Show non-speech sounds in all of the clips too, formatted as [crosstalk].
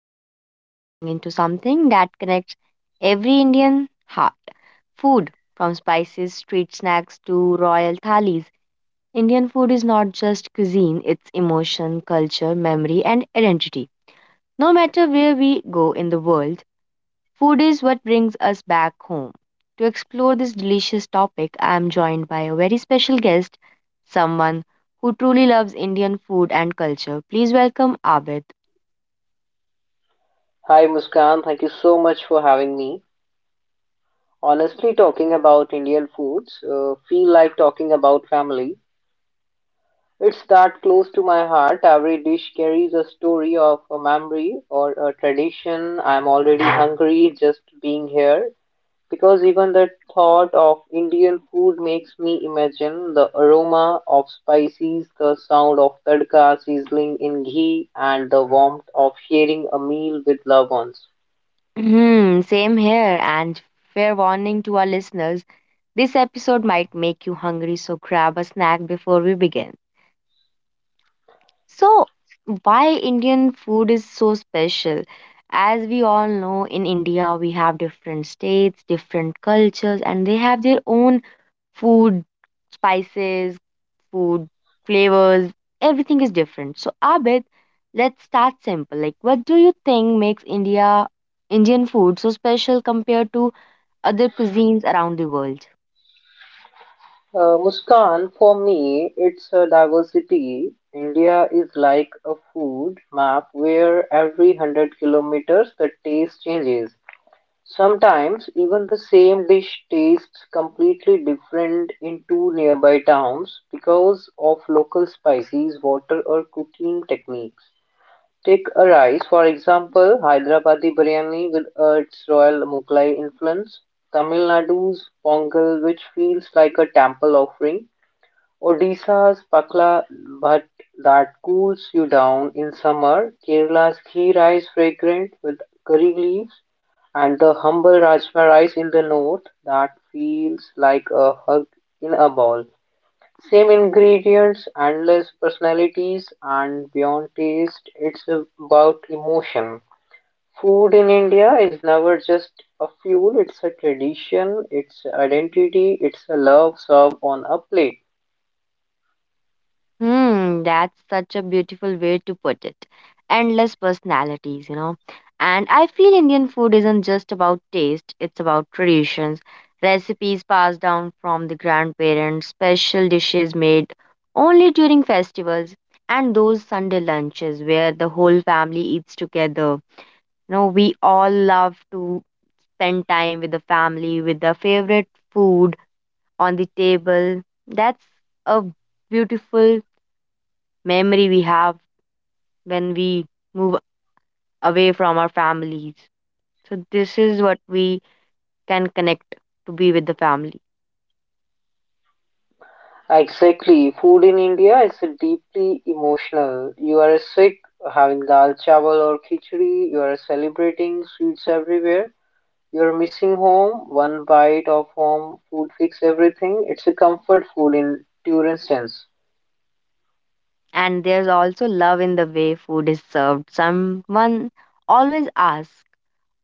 today we are diving into something that connects every Indian heart. Food, from spices, street snacks to royal thalis. Indian food is not just cuisine, it's emotion, culture, memory, and identity. No matter where we go in the world, food is what brings us back home. To explore this delicious topic, I am joined by a very special guest, someone who truly loves Indian food and culture. Please welcome Abid. Hi Muskan, thank you so much for having me. Honestly, talking about Indian foods feel like talking about family. It's that close to my heart. Every dish carries a story of a memory or a tradition. I'm already hungry just being here because even the thought of Indian food makes me imagine the aroma of spices, the sound of tadka sizzling in ghee, and the warmth of sharing a meal with loved ones. Hmm, same here, and fair warning to our listeners, this episode might make you hungry, so grab a snack before we begin. So, why Indian food is so special? As we all know, in India, we have different states, different cultures, and they have their own food spices, food flavors, everything is different. So Abid, let's start simple. Like what do you think makes India Indian food so special compared to other cuisines around the world? Muskan, for me, it's a diversity. India is like a food map where every 100 kilometers the taste changes. Sometimes even the same dish tastes completely different in two nearby towns because of local spices, water, or cooking techniques. Take a rice, for example, Hyderabadi biryani with its royal Mughlai influence, Tamil Nadu's pongal, which feels like a temple offering, Odisha's pakla bhat that cools you down in summer, Kerala's ghee rice fragrant with curry leaves, and the humble rajma rice in the north that feels like a hug in a bowl. Same ingredients, endless personalities, and beyond taste, it's about emotion. Food in India is never just a fuel, it's a tradition, it's identity, it's a love served on a plate. Hmm, that's such a beautiful way to put it. Endless personalities, you know. And I feel Indian food isn't just about taste, it's about traditions, recipes passed down from the grandparents, special dishes made only during festivals, and those Sunday lunches where the whole family eats together. You know, we all love to spend time with the family, with the favorite food on the table. That's a beautiful memory we have when we move away from our families. So, this is what we can connect to be with the family. Exactly. Food in India is deeply emotional. You are sick, having dal chawal or khichdi. You are celebrating sweets everywhere. You are missing home. One bite of home food fix everything. It's a comfort food in pure sense. And there's also love in the way food is served. Someone always asks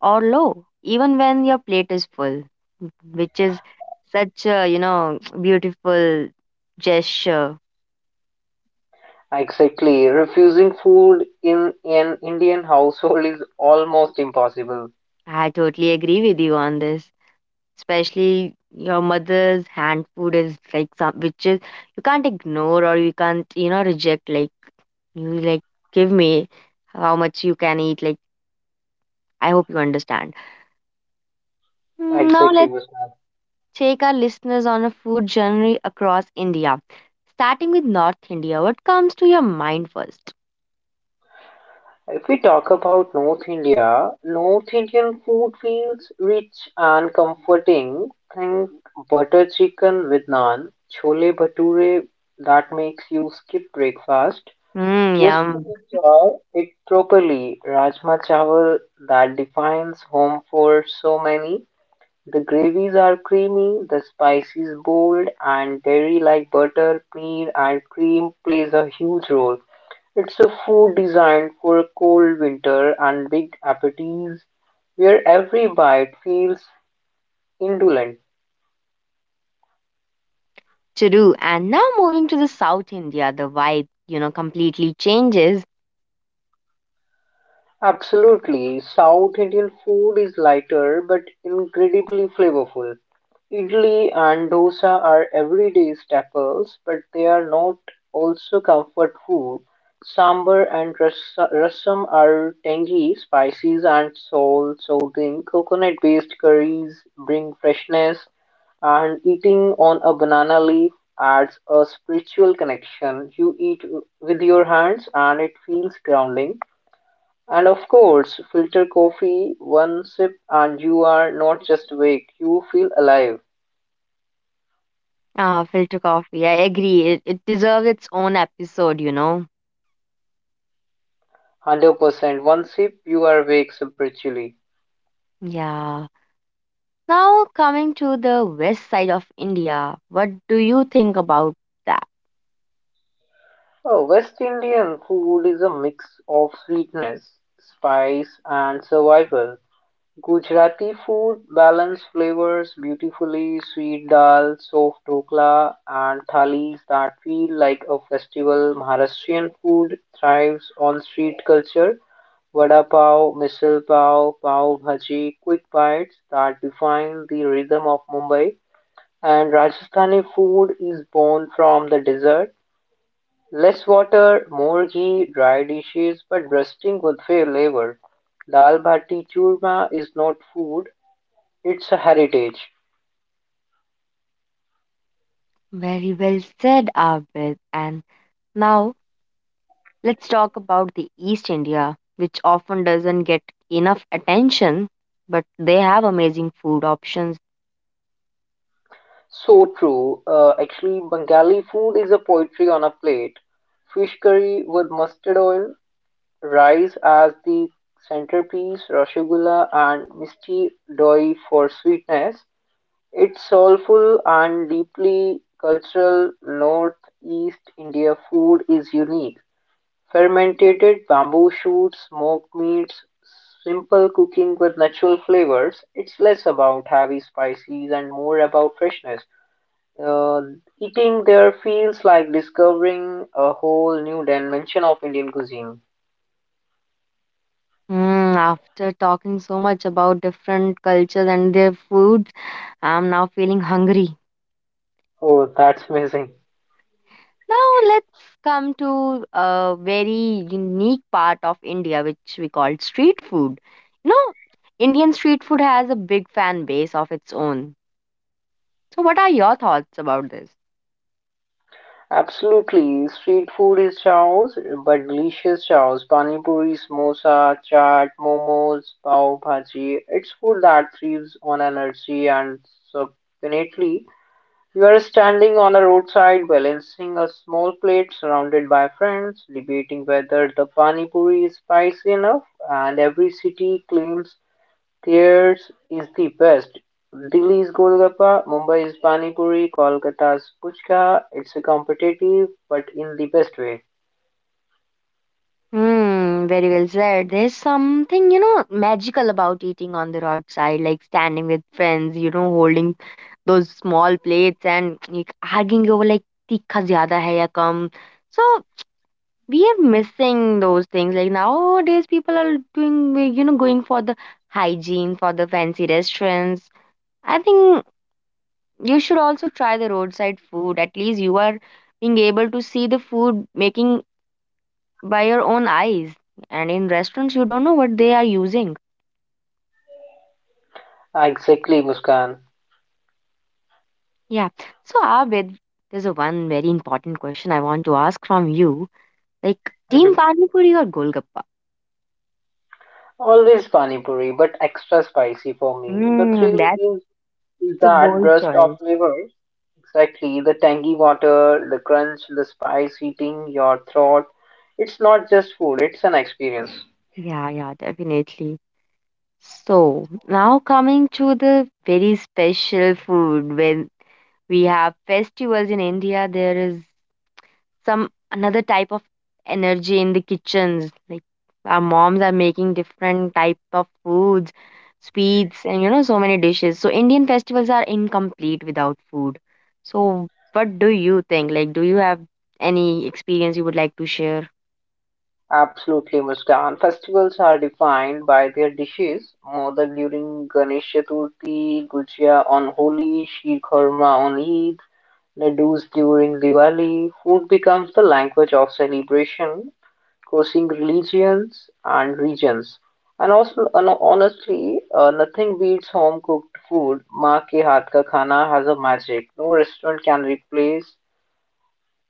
or low, even when your plate is full, which is such a, beautiful gesture. Exactly. Refusing food in an Indian household is almost impossible. I totally agree with you on this. Especially your mother's hand food is like some which is you can't ignore or you can't, reject like you like give me how much you can eat. Like I hope you understand. Mm, now Exactly, let's Muskan. take our listeners on a food journey across India. Starting with North India, what comes to your mind first? If we talk about North India, North Indian food feels rich and comforting. Think butter chicken with naan, chole bhature that makes you skip breakfast Mm, just to yum. enjoy it properly. Rajma chawal that defines home for so many. The gravies are creamy, the spices bold, and dairy like butter, paneer, and cream plays a huge role. It's a food designed for a cold winter and big appetites where every bite feels indulgent. Churu. And now moving to the South India, the vibe, completely changes. Absolutely. South Indian food is lighter but incredibly flavorful. Idli and dosa are everyday staples, but they are not also comfort food. Sambar and rasam are tangy, spices and salt soothing. Coconut-based curries bring freshness, and eating on a banana leaf adds a spiritual connection. You eat with your hands, and it feels grounding. And of course, filter coffee, one sip and you are not just awake, you feel alive. Ah, filter coffee. I agree. It deserves its own episode, you know. 100% one sip, you are awake spiritually. Yeah. Now coming to the west side of India, what do you think about that? Oh, West Indian food is a mix of sweetness, spice, and survival. Gujarati food balance flavors beautifully, sweet dal, soft dhokla and thalis that feel like a festival. Maharashtrian food thrives on street culture. Vada pav, misal pav, pav bhaji, quick bites that define the rhythm of Mumbai. And Rajasthani food is born from the desert. Less water, more ghee, dry dishes, but bursting with flavor. Dal bhati churma is not food, it's a heritage. Very well said, Abid. And now let's talk about the East India, which often doesn't get enough attention, but they have amazing food options. So true. Actually, Bengali food is a poetry on a plate. Fish curry with mustard oil, rice as the centerpiece, rasgulla and misty doi for sweetness. It's soulful and deeply cultural. Northeast India food is unique. Fermented bamboo shoots, smoked meats, simple cooking with natural flavors. It's less about heavy spices and more about freshness. Uh, eating there feels like discovering a whole new dimension of Indian cuisine. Hmm, after talking so much about different cultures and their foods, I'm now feeling hungry. Oh, that's amazing. Now let's come to a very unique part of India, which we call street food. You know, Indian street food has a big fan base of its own. So, what are your thoughts about this? Absolutely. Street food is chaos, but delicious chaos. Pani puri, samosa, chaat, momos, pav bhaji. It's food that thrives on energy and substantially. You are standing on a roadside balancing a small plate surrounded by friends debating whether the pani puri is spicy enough and every city claims theirs is the best. Delhi is Golgappa, Mumbai is Pani Puri, Kolkata's Puchka. It's a competitive but in the best way. Hmm, very well said. There's something, magical about eating on the roadside, like standing with friends, holding those small plates and like, arguing over like tikka zyada hai ya kam. So we are missing those things like nowadays people are doing, going for the hygiene, for the fancy restaurants. I think you should also try the roadside food. At least you are being able to see the food making by your own eyes, and in restaurants you don't know what they are using. Exactly, Muskan. Yeah. So Abid, there's a one very important question I want to ask from you, like team Mhm. pani puri or golgappa? Always Pani Puri, but extra spicy for me. The Hmm, thrill that's is a that bold burst of choice. flavor, exactly, the tangy water, the crunch, the spice hitting your throat. It's not just food, it's an experience. Yeah, yeah, definitely. So, now coming to the very special food, when we have festivals in India, there is some another type of energy in the kitchens. Like our moms are making different type of foods, sweets, and you know so many dishes. So Indian festivals are incomplete without food. So, what do you think? Like, do you have any experience you would like to share? Absolutely, Muskan. Festivals are defined by their dishes. Modak during Ganesh Chaturthi, Gujia on Holi, Sheer Khurma on Eid, laddus during Diwali. Food becomes the language of celebration, crossing religions and regions. And honestly, nothing beats home cooked food. Maa ke haath ka khana has a magic no restaurant can replace.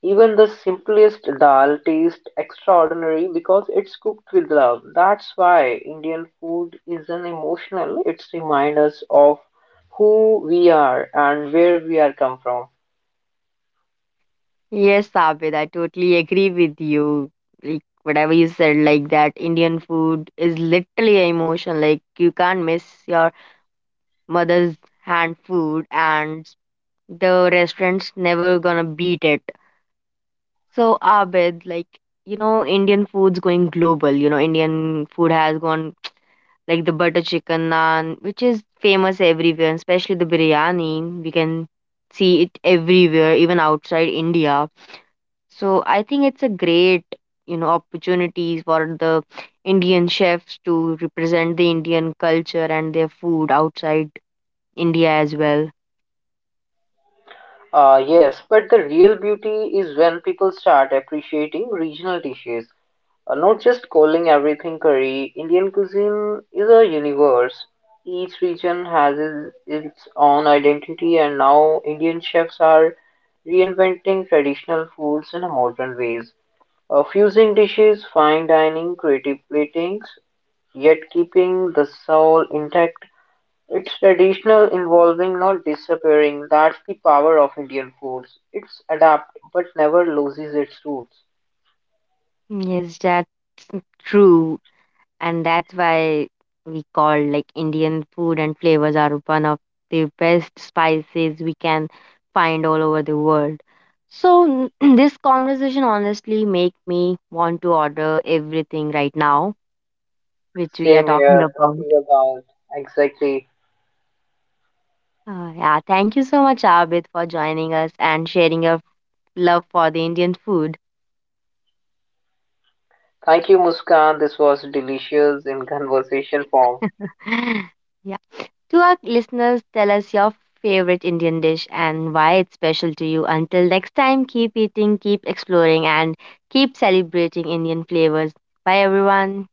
Even the simplest dal tastes extraordinary because it's cooked with love. That's why Indian food isn't emotional, it's remind us of who we are and where we are come from. Yes, Abid, I totally agree with you. Like whatever you said, like that Indian food is literally an emotion. Like you can't miss your mother's hand food, and the restaurant's never gonna beat it. So Abid, like you know, Indian food's going global. You know, Indian food has gone like the butter chicken naan, which is famous everywhere, and especially the biryani. We can see it everywhere, even outside India. So I think it's a great, you know, opportunities for the Indian chefs to represent the Indian culture and their food outside India as well. Yes, but the real beauty is when people start appreciating regional dishes. Not just calling everything curry, Indian cuisine is a universe. Each region has its own identity, and now Indian chefs are reinventing traditional foods in modern ways, fusing dishes, fine dining, creative platings, yet keeping the soul intact. It's traditional, involving, not disappearing. That's the power of Indian foods. It's adapt, but never loses its roots. Yes, that's true. And that's why we call like Indian food and flavors are one of the best spices we can find all over the world. So [clears throat] this conversation honestly make me want to order everything right now, which we are Same talking here, about. talking about. Exactly. Yeah, thank you so much, Abid, for joining us and sharing your love for the Indian food. Thank you, Muskan. This was delicious in conversation form. [laughs] Yeah. To our listeners, tell us your favorite Indian dish and why it's special to you. Until next time, keep eating, keep exploring, and keep celebrating Indian flavors. Bye, everyone.